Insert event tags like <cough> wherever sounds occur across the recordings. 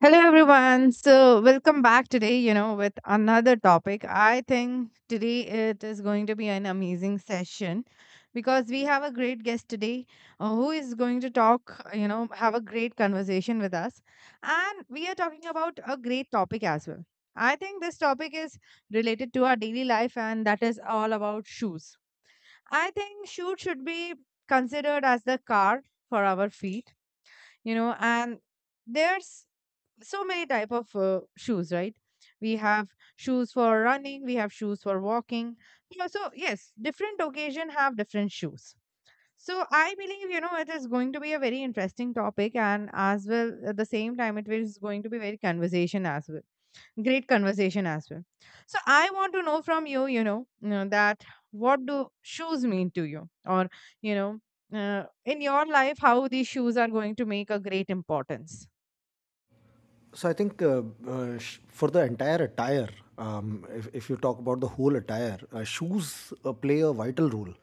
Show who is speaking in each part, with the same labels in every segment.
Speaker 1: Hello, everyone. Welcome back today, with another topic. I think today it is going to be an amazing session because we have a great guest today who is going to talk, have a great conversation with us. And we are talking about a great topic as well. I think this topic is related to our daily life, and that is all about shoes. I think shoes should be considered as the car for our feet, and there's so many type of shoes, right? We have shoes for running, we have shoes for walking. So yes, different occasion have different shoes. So I believe, it is going to be a very interesting topic and as well at the same time it is going to be very conversation as well, great conversation as well. So I want to know from you, you know, that what do shoes mean to you, or you know in your life how these shoes are going to make a great importance.
Speaker 2: So I think for the entire attire, if you talk about the whole attire, shoes play a vital role.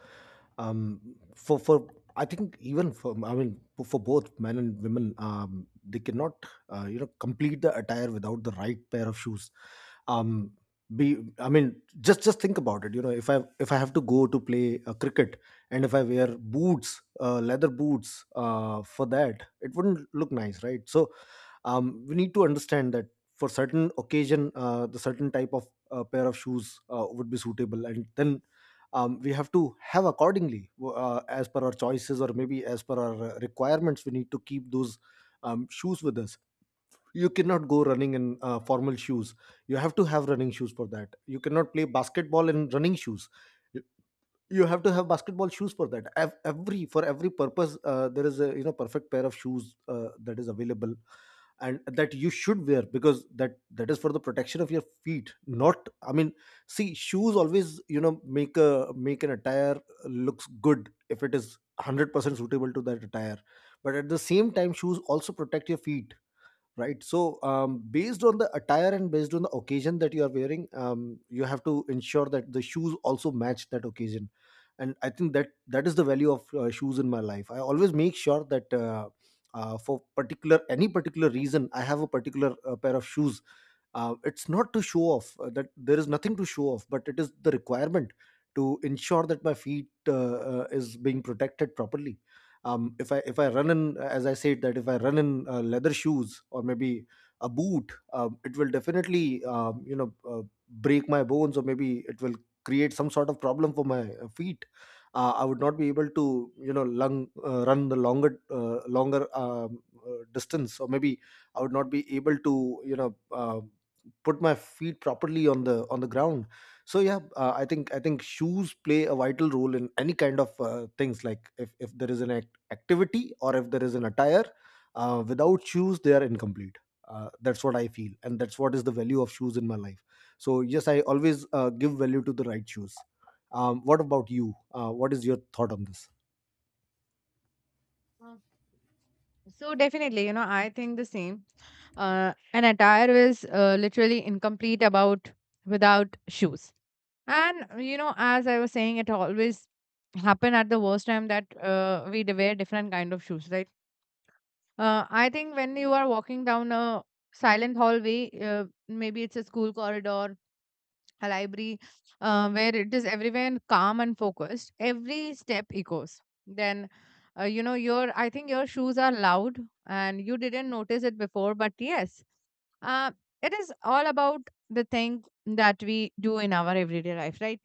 Speaker 2: For I think even for for both men and women, they cannot complete the attire without the right pair of shoes. Um, be I mean just think about it. You know, if I have to go to play cricket, and if I wear boots, leather boots for that, it wouldn't look nice, right? So we need to understand that for certain occasion the certain type of pair of shoes would be suitable, and then we have to have accordingly as per our choices, or maybe as per our requirements, we need to keep those shoes with us. You cannot go running in formal shoes. You have to have running shoes for that. You cannot play basketball in running shoes. You have to have basketball shoes for that. Ev- every for every purpose there is a, you know, perfect pair of shoes that is available, and that you should wear, because that is for the protection of your feet. Not I mean See, shoes always, you know, make a, make an attire looks good if it is 100% suitable to that attire, but at the same time shoes also protect your feet, right? So based on the attire and based on the occasion that you are wearing, you have to ensure that the shoes also match that occasion. And I think that is the value of shoes in my life. I always make sure that for particular any particular reason, I have a particular pair of shoes. It's not to show off, that there is nothing to show off, but it is the requirement to ensure that my feet is being protected properly. Um, if i if I run in, as I said, that if I run in leather shoes or maybe a boot, it will definitely break my bones, or maybe it will create some sort of problem for my feet. I would not be able to, you know, run the longer distance, or maybe I would not be able to put my feet properly on the ground. So yeah, I think shoes play a vital role in any kind of things. Like, if there is an activity, or if there is an attire, without shoes they are incomplete. That's what I feel, and that's what is the value of shoes in my life. So yes, I always give value to the right shoes. What about you? What is your thought on this?
Speaker 1: So definitely, I think the same. An attire is literally incomplete about without shoes. And you know, as I was saying, it always happen at the worst time that we wear different kind of shoes, right? I think when you are walking down a silent hallway, maybe it's a school corridor, a library, where it is everywhere calm and focused. Every step echoes. Then, you know, your I think your shoes are loud and you didn't notice it before, but yes, uh, it is all about the thing that we do in our everyday life, right?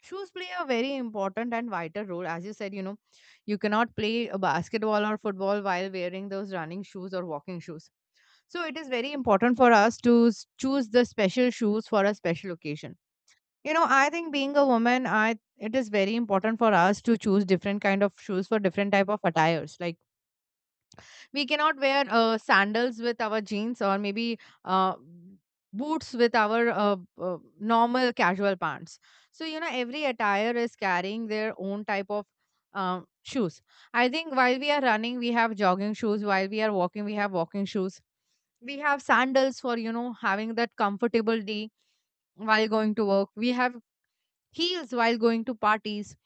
Speaker 1: Shoes play a very important and vital role. As you said, you know, you cannot play a basketball or football while wearing those running shoes or walking shoes. So it is very important for us to choose the special shoes for a special occasion. You know, I think being a woman, I it is very important for us to choose different kind of shoes for different type of attires. Like, we cannot wear sandals with our jeans, or maybe uh, boots with our normal casual pants. So you know every attire is carrying their own type of um, shoes. I think while we are running we have jogging shoes, while we are walking we have walking shoes, we have sandals for, you know, having that comfortable day, while going to work we have heels, while going to parties,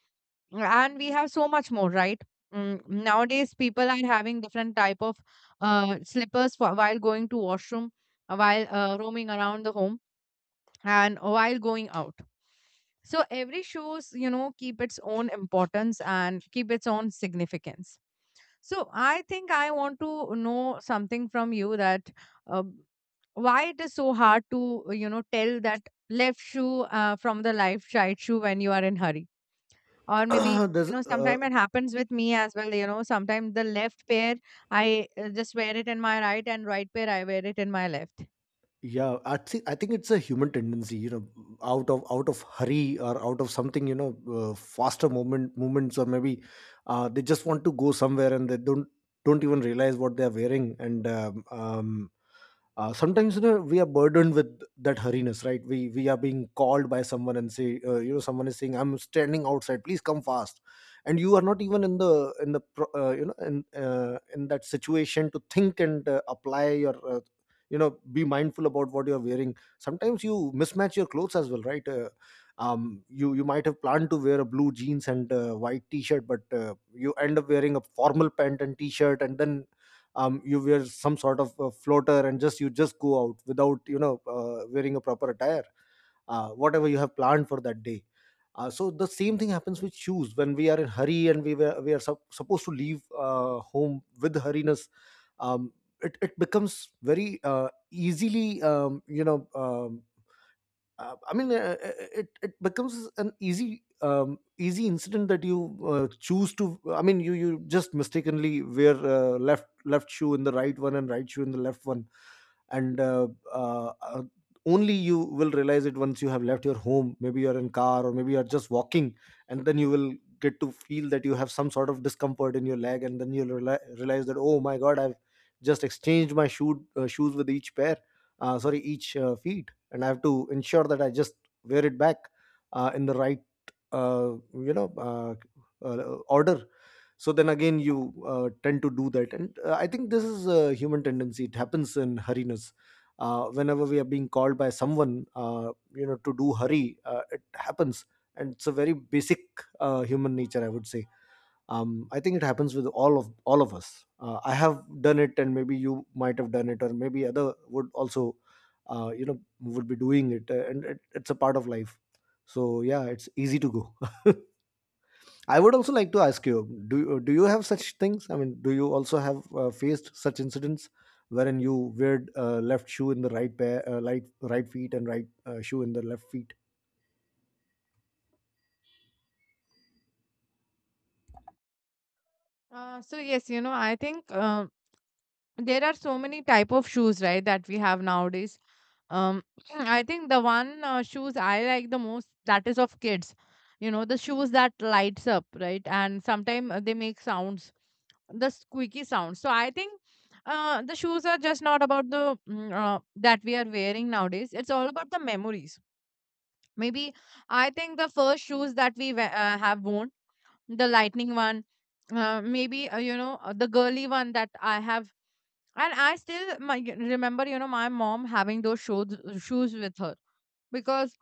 Speaker 1: and we have so much more, right? Mm, nowadays people are having different type of slippers for, while going to washroom, while roaming around the home, and while going out. So every shows you know keep its own importance and keep its own significance. So I think I want to know something from you that uh, why it is so hard to, you know, tell that left shoe from the left right shoe when you are in hurry, or maybe,
Speaker 2: <clears throat> there's
Speaker 1: you know, sometimes it happens with me as well, you know, sometimes the left pair, I just wear it in my right, and right pair, I wear it in my left.
Speaker 2: Yeah, I think it's a human tendency, you know. Out of hurry, or out of something, you know, faster movements, or maybe they just want to go somewhere and they don't, even realize what they're wearing. And sometimes, you know, we are burdened with that hurriness, right? We are being called by someone and say, you know, someone is saying, I'm standing outside, please come fast. And you are not even in the you know, in that situation to think and apply your be mindful about what you are wearing. Sometimes you mismatch your clothes as well, right? Um you might have planned to wear a blue jeans and white t-shirt, but you end up wearing a formal pant and t-shirt, and then you wear some sort of a floater and just go out without, you know, wearing a proper attire, whatever you have planned for that day. So the same thing happens with shoes when we are in hurry, and we are supposed to leave home with hurriness. um, it becomes very easily you know I mean, uh, uh, it becomes an easy easy incident that you choose to. I mean, you just mistakenly wear left shoe in the right one and right shoe in the left one, and only you will realize it once you have left your home. Maybe you're in car, or maybe you're just walking, and then you will get to feel that you have some sort of discomfort in your leg, and then you'll realize that, oh my god, I've just exchanged my shoes with each pair. Sorry, each feet. And I have to ensure that I just wear it back in the right uh, you know uh, uh, order. So then again you tend to do that. And I think this is a human tendency, it happens in hurriness. Whenever we are being called by someone you know, to do hurry, it happens. And it's a very basic human nature, I would say. I think it happens with all of us. I have done it, and maybe you might have done it, or maybe other would also would be doing it. It's a part of life. So yeah, it's easy to go. <laughs> I would also like to ask you, do you have such things? I mean, do you also have, faced such incidents wherein you weared left shoe in the right pair, right feet, and right shoe in the left feet?
Speaker 1: So yes, you know, I think there are so many type of shoes, right, that we have nowadays. Um <clears throat> I think the one shoes I like the most, that is of kids. You know, the shoes that lights up, right, and sometimes they make sounds, the squeaky sound. So I think the shoes are just not about the that we are wearing nowadays. It's all about the memories. Maybe, I think, the first shoes that we have worn, the lightning one, maybe you know the girly one that I have. And I still remember, you know, my mom having those shoes with her. Because,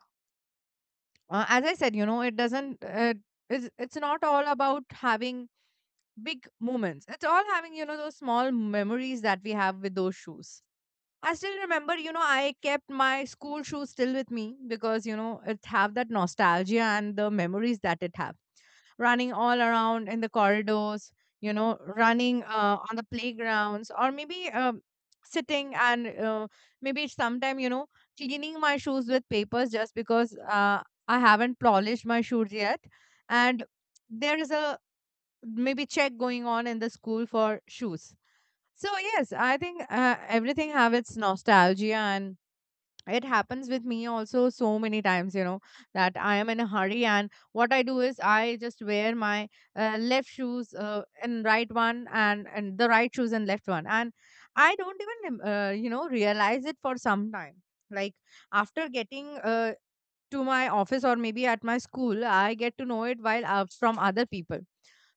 Speaker 1: as I said, you know, it doesn't. It's not all about having big moments. It's all having, you know, those small memories that we have with those shoes. I still remember, you know, I kept my school shoes still with me, because, you know, it have that nostalgia and the memories that it have. Running all around in the corridors, you know, running on the playgrounds, or maybe sitting and maybe sometime, you know, cleaning my shoes with papers just because I haven't polished my shoes yet. And there is a maybe check going on in the school for shoes. So yes, I think everything have its nostalgia, and it happens with me also so many times, you know, that I am in a hurry, and what I do is I just wear my left shoes and right one, and the right shoes and left one. And I don't even, you know, realize it for some time. Like, after getting to my office or maybe at my school, I get to know it while from other people.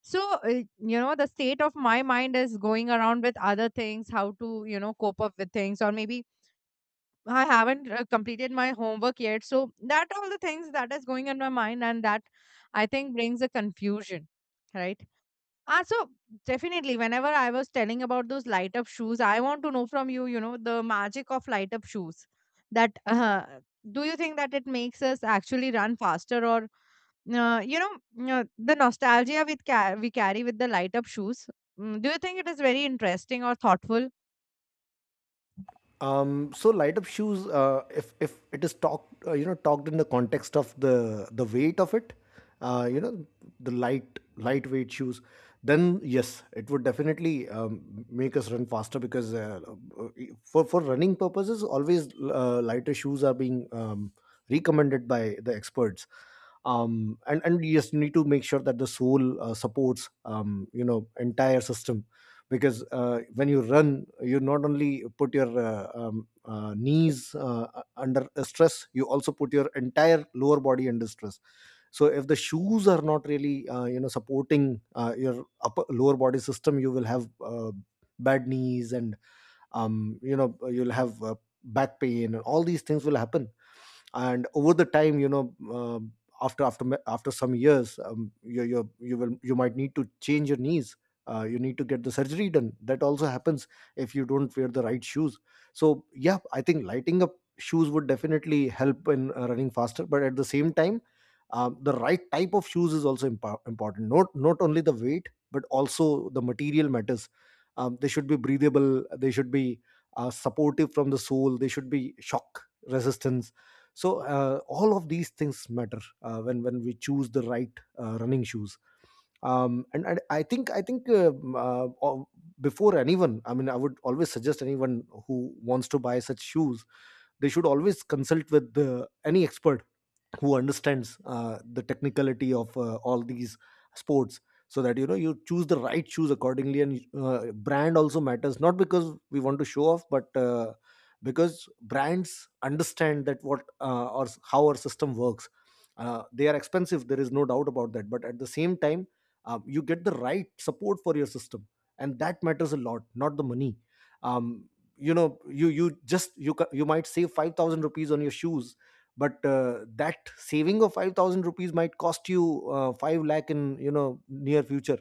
Speaker 1: So uh, you know, the state of my mind is going around with other things, how to, you know, cope up with things, or maybe I haven't completed my homework yet, so that all the things that is going in my mind, and that I think brings a confusion, right? Ah, so definitely, whenever I was telling about those light up shoes, I want to know from you, you know, the magic of light up shoes. That do you think that it makes us actually run faster, or the nostalgia we we carry with the light up shoes? Mm, do you think it is very interesting or thoughtful?
Speaker 2: So light up shoes, if it is talked, talked in the context of the weight of it, uh, you know, the lightweight shoes, then yes, it would definitely make us run faster, because uh, for running purposes, always lighter shoes are being recommended by the experts. And yes, you need to make sure that the sole supports you know, entire system, because when you run, you not only put your knees under stress, you also put your entire lower body under stress. So if the shoes are not really, you know, supporting your upper lower body system, you will have bad knees, and you know, you'll have back pain, and all these things will happen. And over the time, you know, after some years, you will, you might need to change your knees. You need to get the surgery done, that also happens if you don't wear the right shoes. So yeah, I think lighting up shoes would definitely help in running faster, but at the same time the right type of shoes is also important. Not only the weight, but also the material matters. They should be breathable, they should be supportive from the sole, they should be shock resistant. So all of these things matter when we choose the right running shoes. Um, and I think o- Before anyone, I mean, I would always suggest anyone who wants to buy such shoes, they should always consult with any expert who understands the technicality of all these sports, so that you know, you choose the right shoes accordingly. And brand also matters, not because we want to show off, but because brands understand that what, how our system works. They are expensive, there is no doubt about that, but at the same time you get the right support for your system, and that matters a lot, not the money. um, you know, you just you, you might save 5,000 rupees on your shoes, but that saving of 5,000 rupees might cost you 5 lakh in, you know, near future.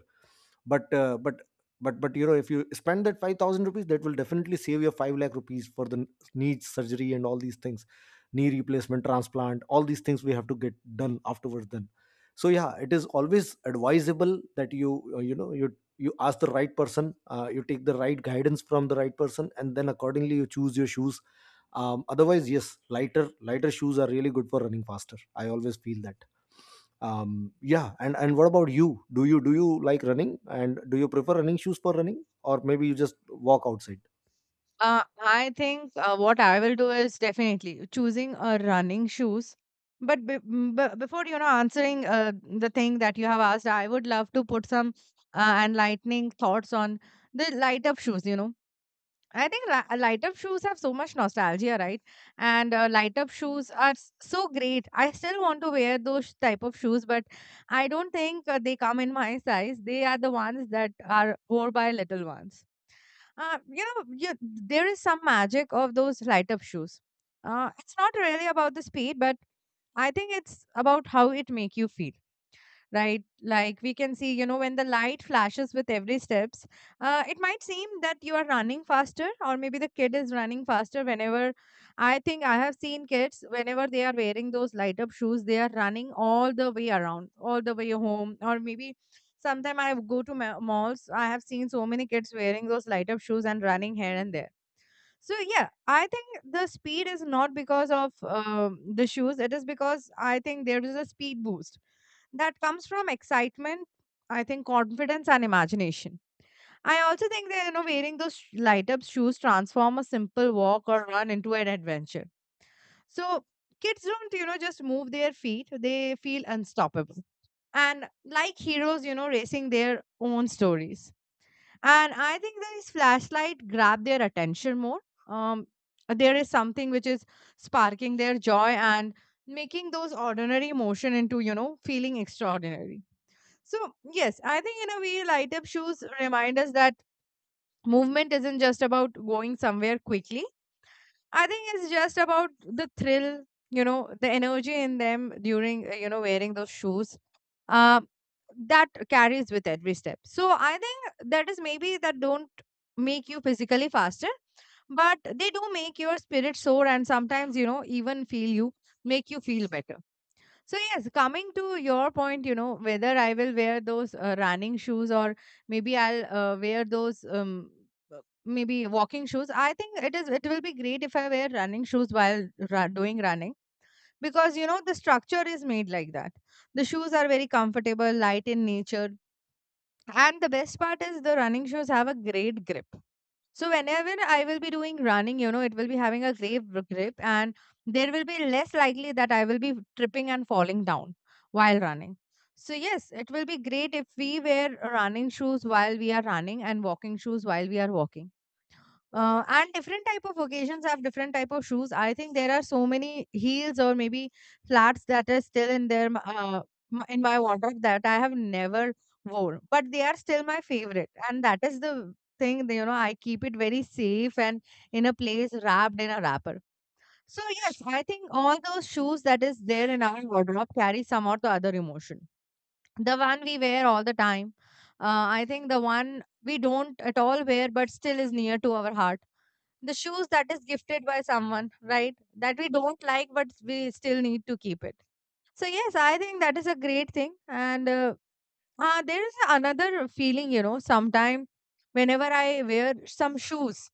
Speaker 2: But you know, if you spend that 5,000 rupees, that will definitely save you 5 lakh rupees for the knee surgery and all these things, knee replacement, transplant, all these things we have to get done afterwards then. So yeah, it is always advisable that you, you know, you ask the right person, you take the right guidance from the right person, and then accordingly you choose your shoes. Otherwise, yes, lighter shoes are really good for running faster, I always feel that. Yeah. And what about you? Do you, like Running and do you prefer running shoes for running, or maybe you just walk outside?
Speaker 1: I think what I will do is definitely choosing a running shoes. But be m- b before, you know, answering the thing that you have asked, I would love to put some enlightening thoughts on the light up shoes. You know, I think li light up shoes have so much nostalgia, right? And light up shoes are so great. I still want to wear those type of shoes, but I don't think they come in my size. They are the ones that are wore by little ones. You know, there is some magic of those light up shoes. It's not really about the speed, but I think it's about how it make you feel, right? Like we can see, you know, when the light flashes with every steps, it might seem that you are running faster, or maybe the kid is running faster. Whenever I think I have seen kids, whenever they are wearing those light up shoes, they are running all the way around, all the way home, or maybe. Sometimes I go to malls. I have seen so many kids wearing those light up shoes and running here and there. So yeah, I think the speed is not because of the shoes. It is because, I think, there is a speed boost that comes from excitement. I think confidence and imagination. I also think that you know wearing those light up shoes transform a simple walk or run into an adventure. So kids don't, you know, just move their feet; they feel unstoppable, and like heroes, you know, racing their own stories. And I think this flashlight grab their attention more. um there is something which is sparking their joy and making those ordinary motion into, you know, feeling extraordinary. So yes, I think in a way light up shoes remind us that movement isn't just about going somewhere quickly. I think it's just about the thrill, you know, the energy in them during, wearing those shoes. Um, that carries with every step. So I think that is maybe that don't make you physically faster, but they do make your spirit soar, and sometimes, you know, even make you feel better. So yes, coming to your point, you know, whether I will wear those running shoes, or maybe I'll wear those uh, maybe walking shoes. I think it is it will be great if I wear running shoes while doing running, because you know the structure is made like that. The shoes are very comfortable, light in nature, and the best part is the running shoes have a great grip. So whenever I will be doing running, you know, it will be having a great grip, and there will be less likely that I will be tripping and falling down while running. So yes, it will be great if we wear running shoes while we are running and walking shoes while we are walking. And different type of occasions have different type of shoes. I think there are so many heels or maybe flats that are still in in my wardrobe that I have never worn, but they are still my favorite, and that is the thing. I keep it very safe and in a place wrapped in a wrapper. So yes, I think all those shoes that is there in our wardrobe carry some or the other emotion. The one we wear all the time. I think the one we don't at all wear, but still is near to our heart, the shoes that is gifted by someone, right? That we don't like, but we still need to keep it. So, yes, I think that is a great thing. And there is another feeling, you know, sometime whenever I wear some shoes,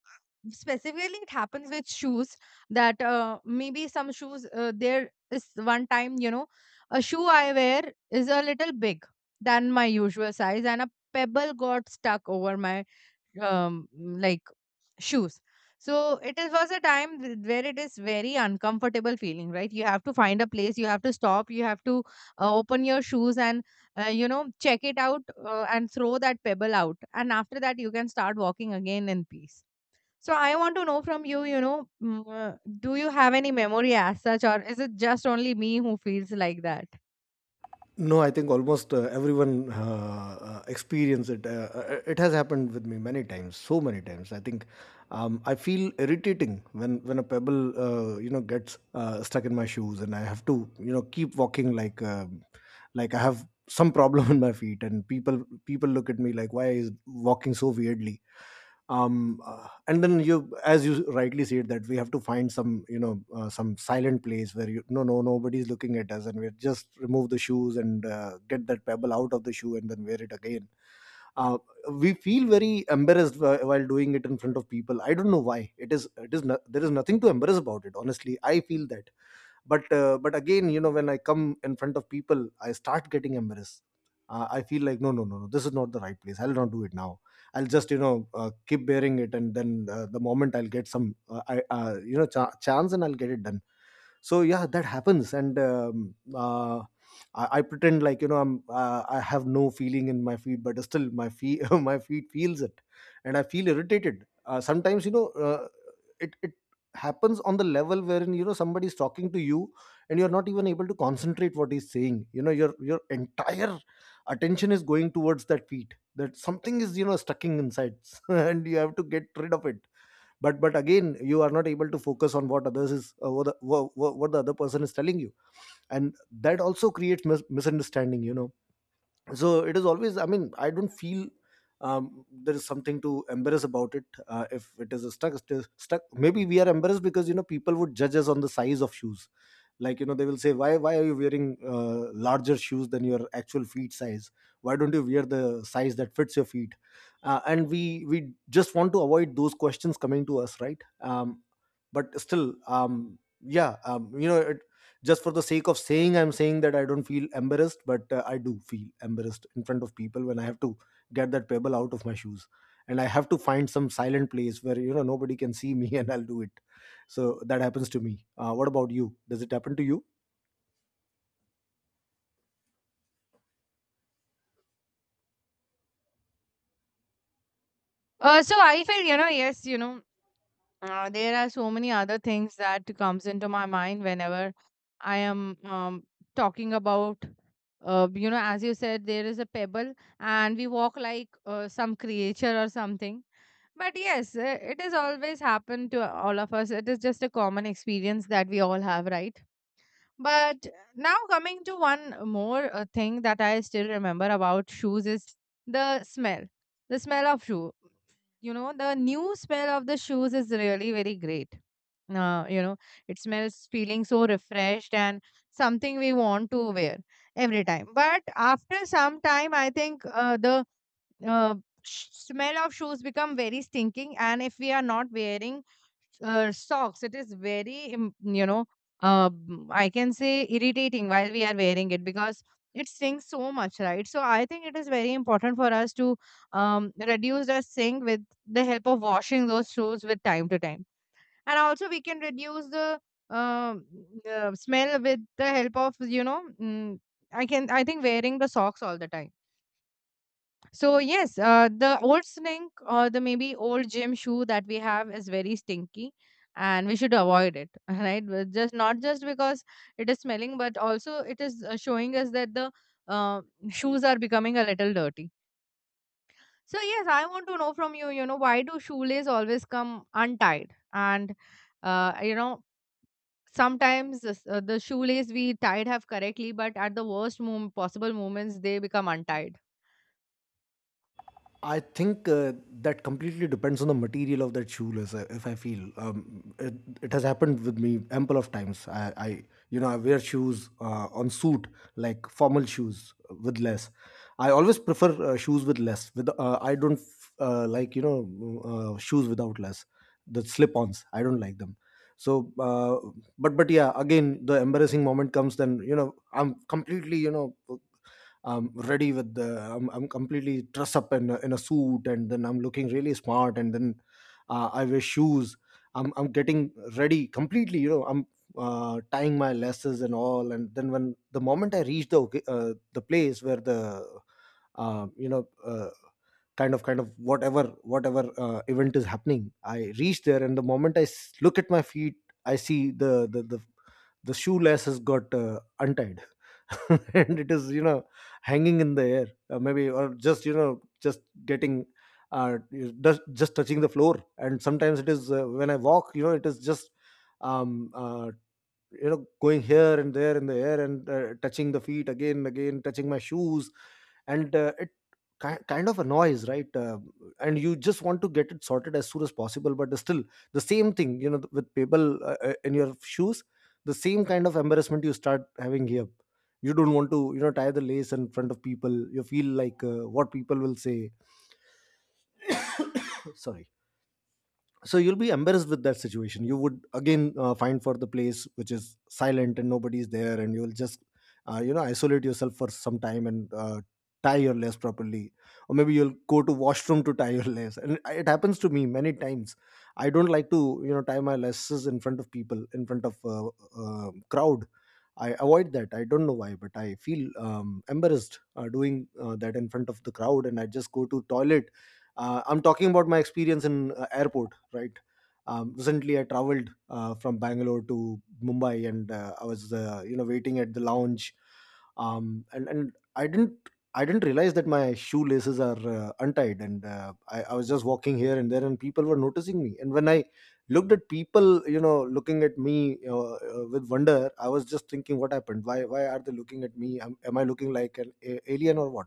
Speaker 1: specifically it happens with shoes that there is one time, a shoe I wear is a little big than my usual size, and a pebble got stuck over my um, like shoes. So it was a time where it is very uncomfortable feeling, right? You have to find a place, you have to stop, you have to open your shoes and, uh, check it out, and throw that pebble out, and after that you can start walking again in peace. So I want to know from you, do you have any memory as such, or is it just only me who feels like that?
Speaker 2: No, I think almost everyone experience it. It has happened with me many times, so many times. I think I feel irritating when a pebble, gets stuck in my shoes, and I have to, keep walking like I have some problem <laughs> in my feet, and people look at me like, why is walking so weirdly? And then you, as you rightly said, that we have to find some some silent place where you no no nobody's looking at us, and we just remove the shoes and get that pebble out of the shoe, and then wear it again. uh, we feel very embarrassed while doing it in front of people. I don't know why it is no, there is nothing to embarrass about it, honestly, I feel that. But but again, you know, when I come in front of people, I start getting embarrassed. I feel like no no no no, this is not the right place, I'll not do it now. I'll just, you know, keep bearing it, and then the moment I'll get some I, you know cha- chance, and I'll get it done. So yeah, that happens. And I pretend like, you know, I'm I have no feeling in my feet, but still my feet <laughs> my feet feels it. And I feel irritated sometimes, you know, it happens on the level wherein, you know, somebody is talking to you, and you're not even able to concentrate what he's saying. You know, your entire attention is going towards that feet, that something is, you know, stucking inside <laughs> and you have to get rid of it. But again, you are not able to focus on what others is what the other person is telling you. And that also creates misunderstanding, you know. So it is always, I mean, I don't feel there is something to embarrass about it. If it is a stuck, it is stuck. Maybe we are embarrassed because, you know, people would judge us on the size of shoes. Like, you know, they will say why are you wearing larger shoes than your actual feet size. Why don't you wear the size that fits your feet? And we just want to avoid those questions coming to us, right? But still, yeah, you know, it, just for the sake of saying, I'm saying that I don't feel embarrassed. But I do feel embarrassed in front of people when I have to get that pebble out of my shoes. And I have to find some silent place where, you know, nobody can see me <laughs> and I'll do it. So that happens to me. What about you, does it happen to you?
Speaker 1: So I feel, yes, there are so many other things that comes into my mind whenever I am talking about, you know, as you said, there is a pebble, and we walk like some creature or something. But yes, it has always happened to all of us. It is just a common experience that we all have, right? But now coming to one more thing that I still remember about shoes is the smell. The smell of shoe. You know, the new smell of the shoes is really very great. Uh, you know, it smells feeling so refreshed and something we want to wear every time. But after some time, I think the uh, smell of shoes become very stinking, and if we are not wearing socks, it is very I can say irritating while we are wearing it, because it stinks so much, right? So I think it is very important for us to reduce the stink with the help of washing those shoes with time to time, and also we can reduce the um, smell with the help of, you know, I can, I think, wearing the socks all the time. So yes, the old snink or the maybe old gym shoe that we have is very stinky, and we should avoid it, <laughs> right? But just not just because it is smelling, but also it is showing us that the uh, shoes are becoming a little dirty. So yes, I want to know from you, you know, why do shoelace always come untied? And, uh, sometimes this, the shoelace we tied have correctly, but at the worst possible moments they become untied.
Speaker 2: I think that completely depends on the material of that shoe lace. If I feel, it, it has happened with me ample of times. I You know, I wear shoes on suit, like formal shoes with less. I always prefer shoes with less with I don't like, you know, shoes without less, the slip-ons. I don't like them. So but yeah, again, the embarrassing moment comes. Then, you know, I'm completely, you know, I'm ready with the I'm completely dressed up in a suit, and then I'm looking really smart, and then I wear shoes. I'm getting ready completely. You know, I'm tying my laces and all. And then when the moment I reach the the place where the uh, you know uh, kind of whatever event is happening, I reach there, and the moment I look at my feet, I see the shoe laces got untied. <laughs> And it is, you know, hanging in the air, maybe, or just, you know, just getting uh, just touching the floor. And sometimes it is when I walk, you know, it is just um uh, you know, going here and there in the air, and touching the feet again and again, touching my shoes. And it kind of annoys, right? And you just want to get it sorted as soon as possible. But still, the same thing, you know, with people in your shoes, the same kind of embarrassment you start having here. You don't want to, you know, tie the lace in front of people. You feel like what people will say. <coughs> Sorry. So you'll be embarrassed with that situation. You would again find for the place which is silent, and nobody's there, and you'll just you know, isolate yourself for some time, and tie your lace properly, or maybe you'll go to washroom to tie your lace. And it happens to me many times. I don't like to, you know, tie my laces in front of people, in front of crowd. I avoid that. I don't know why, but I feel embarrassed doing that in front of the crowd, and I just go to toilet. I'm talking about my experience in airport, right? Recently, I traveled from Bangalore to Mumbai, and I was you know, waiting at the lounge, and I didn't realize that my shoelaces are untied. And I was just walking here and there, and people were noticing me. And when I looked at people, you know, looking at me with wonder, I was just thinking, what happened? Why are they looking at me? Am I looking like an alien or what?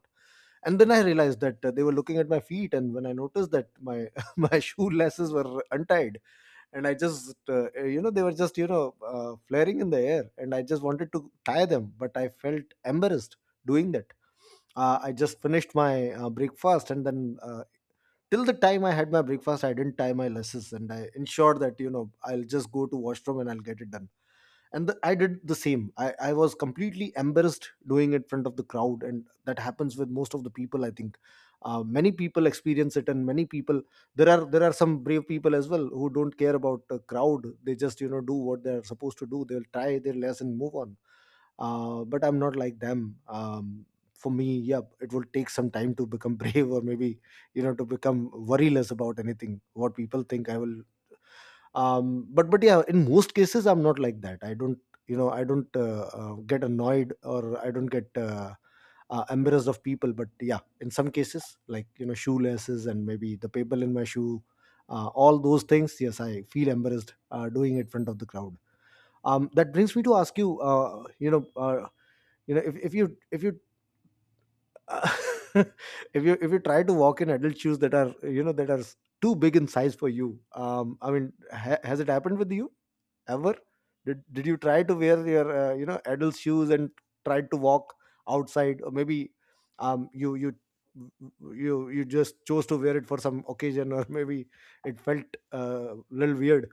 Speaker 2: And then I realized that they were looking at my feet. And when I noticed that my <laughs> my shoe laces were untied, and I just you know, they were just, you know, flaring in the air, and I just wanted to tie them, but I felt embarrassed doing that. I just finished my breakfast, and then till the time I had my breakfast, I didn't tie my laces, and I ensured that, you know, I'll just go to washroom, and I'll get it done. And the, I did the same. I was completely embarrassed doing it in front of the crowd. And that happens with most of the people, I think. Many people experience it, and many people, there are some brave people as well who don't care about the crowd. They just, you know, do what they're supposed to do. They'll try their lesson, move on. But I'm not like them. For me, yeah, it will take some time to become <laughs> brave, or maybe, you know, to become worryless about anything what people think. I will but yeah, in most cases I'm not like that. I don't, you know, I don't get annoyed, or I don't get embarrassed of people. But yeah, in some cases, like, you know, shoelaces, and maybe the paper in my shoe, all those things, yes, I feel embarrassed doing it in front of the crowd. That brings me to ask you you know, if you <laughs> if you try to walk in adult shoes that are, you know, that are too big in size for you. I mean, has it happened with you ever? Did you try to wear your you know, adult shoes, and try to walk outside, or maybe um you you you just chose to wear it for some occasion, or <laughs> maybe it felt a little weird?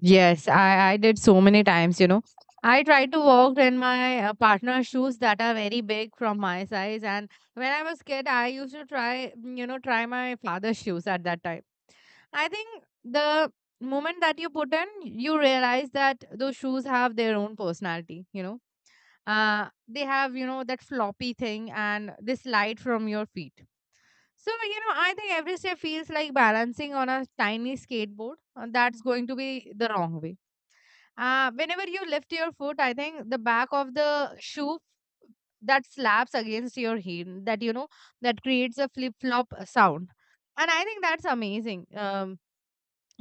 Speaker 1: Yes, I did so many times, you know. I try to walk in my partner's shoes that are very big from my size. And when I was kid, I used to try, try my father's shoes at that time. I think the moment that you put in, you realize that those shoes have their own personality, you know. They have, you know, that floppy thing, and they slide from your feet. So, you know, I think every step feels like balancing on a tiny skateboard, and that's going to be the wrong way. Whenever you lift your foot, I think the back of the shoe that slaps against your heel, that, you know, that creates a flip flop sound. And I think that's amazing.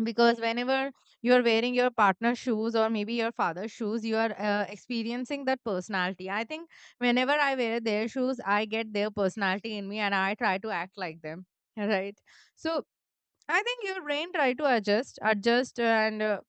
Speaker 1: Because whenever you're wearing your partner's shoes or maybe your father's shoes, you are experiencing that personality. I think whenever I wear their shoes, I get their personality in me and I try to act like them. <laughs> Right. So I think your brain try to adjust, and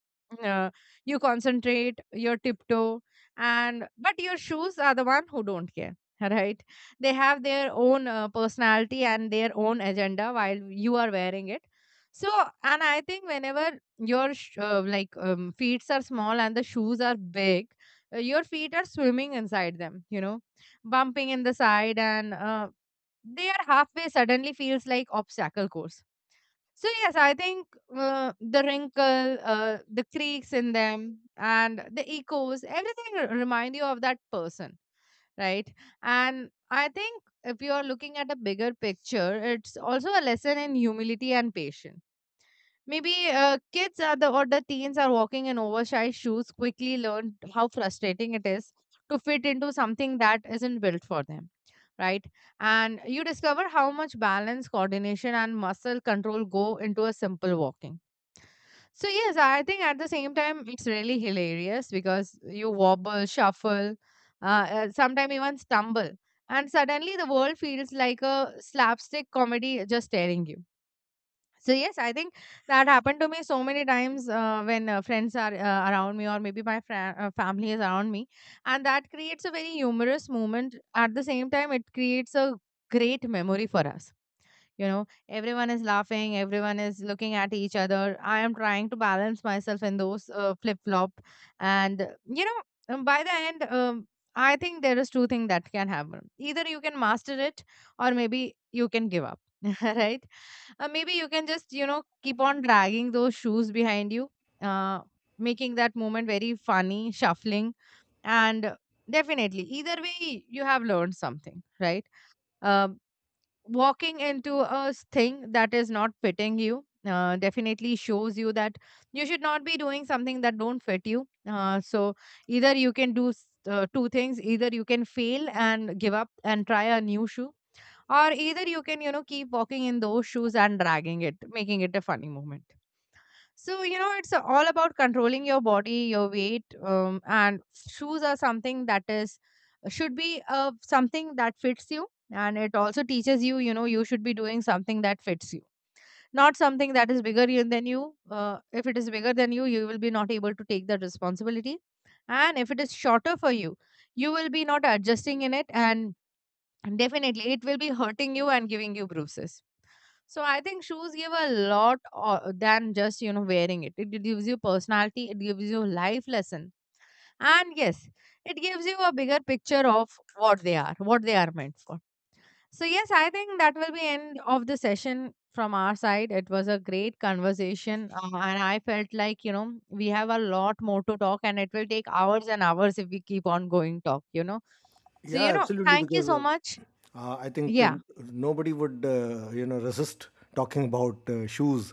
Speaker 1: uh, you concentrate, your tiptoe, and but your shoes are the one who don't care, <laughs> right? They have their own personality and their own agenda while you are wearing it. So, and I think whenever your feet are small and the shoes are big, your feet are swimming inside them, you know, bumping in the side, and they are halfway suddenly feels like obstacle course. So yes, I think the wrinkle, the creaks in them, and the echoes, everything remind you of that person, right? And I think if you are looking at a bigger picture, it's also a lesson in humility and patience. Maybe kids are the or the teens are walking in oversized shoes quickly learned how frustrating it is to fit into something that isn't built for them, right? And you discover how much balance, coordination, and muscle control go into a simple walking. So yes, I think at the same time it's really hilarious because you wobble, shuffle, sometimes even stumble, and suddenly the world feels like a slapstick comedy just staring you. So yes, I think that happened to me so many times when friends are around me, or maybe my family is around me, and that creates a very humorous moment. At the same time, it creates a great memory for us. You know, everyone is laughing, everyone is looking at each other. I am trying to balance myself in those flip flop, and, uh, by the end, I think there is two things that can happen: either you can master it, or maybe you can give up, <laughs> right? Maybe you can just, you know, keep on dragging those shoes behind you, uh, making that moment very funny, shuffling. And definitely, either way, you have learned something, right? Um, Walking into a thing that is not fitting you definitely shows you that you should not be doing something that don't fit you. So either you can do two things: either you can fail and give up and try a new shoe, or either you can, you know, keep walking in those shoes and dragging it, making it a funny moment. So you know, it's all about controlling your body, your weight, and shoes are something that is should be something that fits you, and it also teaches you, you know, you should be doing something that fits you, not something that is bigger than you. If it is bigger than you, you will be not able to take the responsibility, and if it is shorter for you, you will be not adjusting in it, and definitely, it will be hurting you and giving you bruises. So I think shoes give a lot than just, you know, wearing it. It gives you personality. It gives you life lesson, and yes, it gives you a bigger picture of what they are meant for. So yes, I think that will be end of the session from our side. It was a great conversation, and I felt like, you know, we have a lot more to talk, and it will take hours and hours if we keep on going talk. You know, so
Speaker 2: Yeah,
Speaker 1: you know,
Speaker 2: absolutely.
Speaker 1: thank you
Speaker 2: Because
Speaker 1: so much.
Speaker 2: I think
Speaker 1: Yeah.
Speaker 2: nobody would, you know, resist talking about shoes.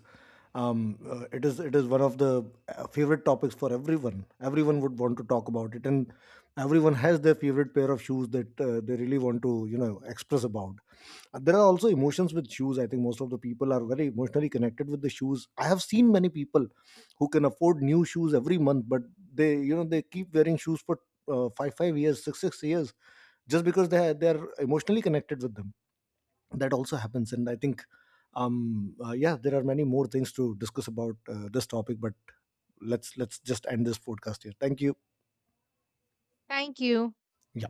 Speaker 2: It is one of the favorite topics for everyone. Everyone would want to talk about it, and everyone has their favorite pair of shoes that they really want to, you know, express about. There are also emotions with shoes. I think most of the people are very emotionally connected with the shoes. I have seen many people who can afford new shoes every month, but they, you know, they keep wearing shoes for five years, six years, just because they are emotionally connected with them. That also happens. And I think, yeah, there are many more things to discuss about this topic, but let's just end this podcast here. Thank you.
Speaker 1: Thank you.
Speaker 2: Yeah.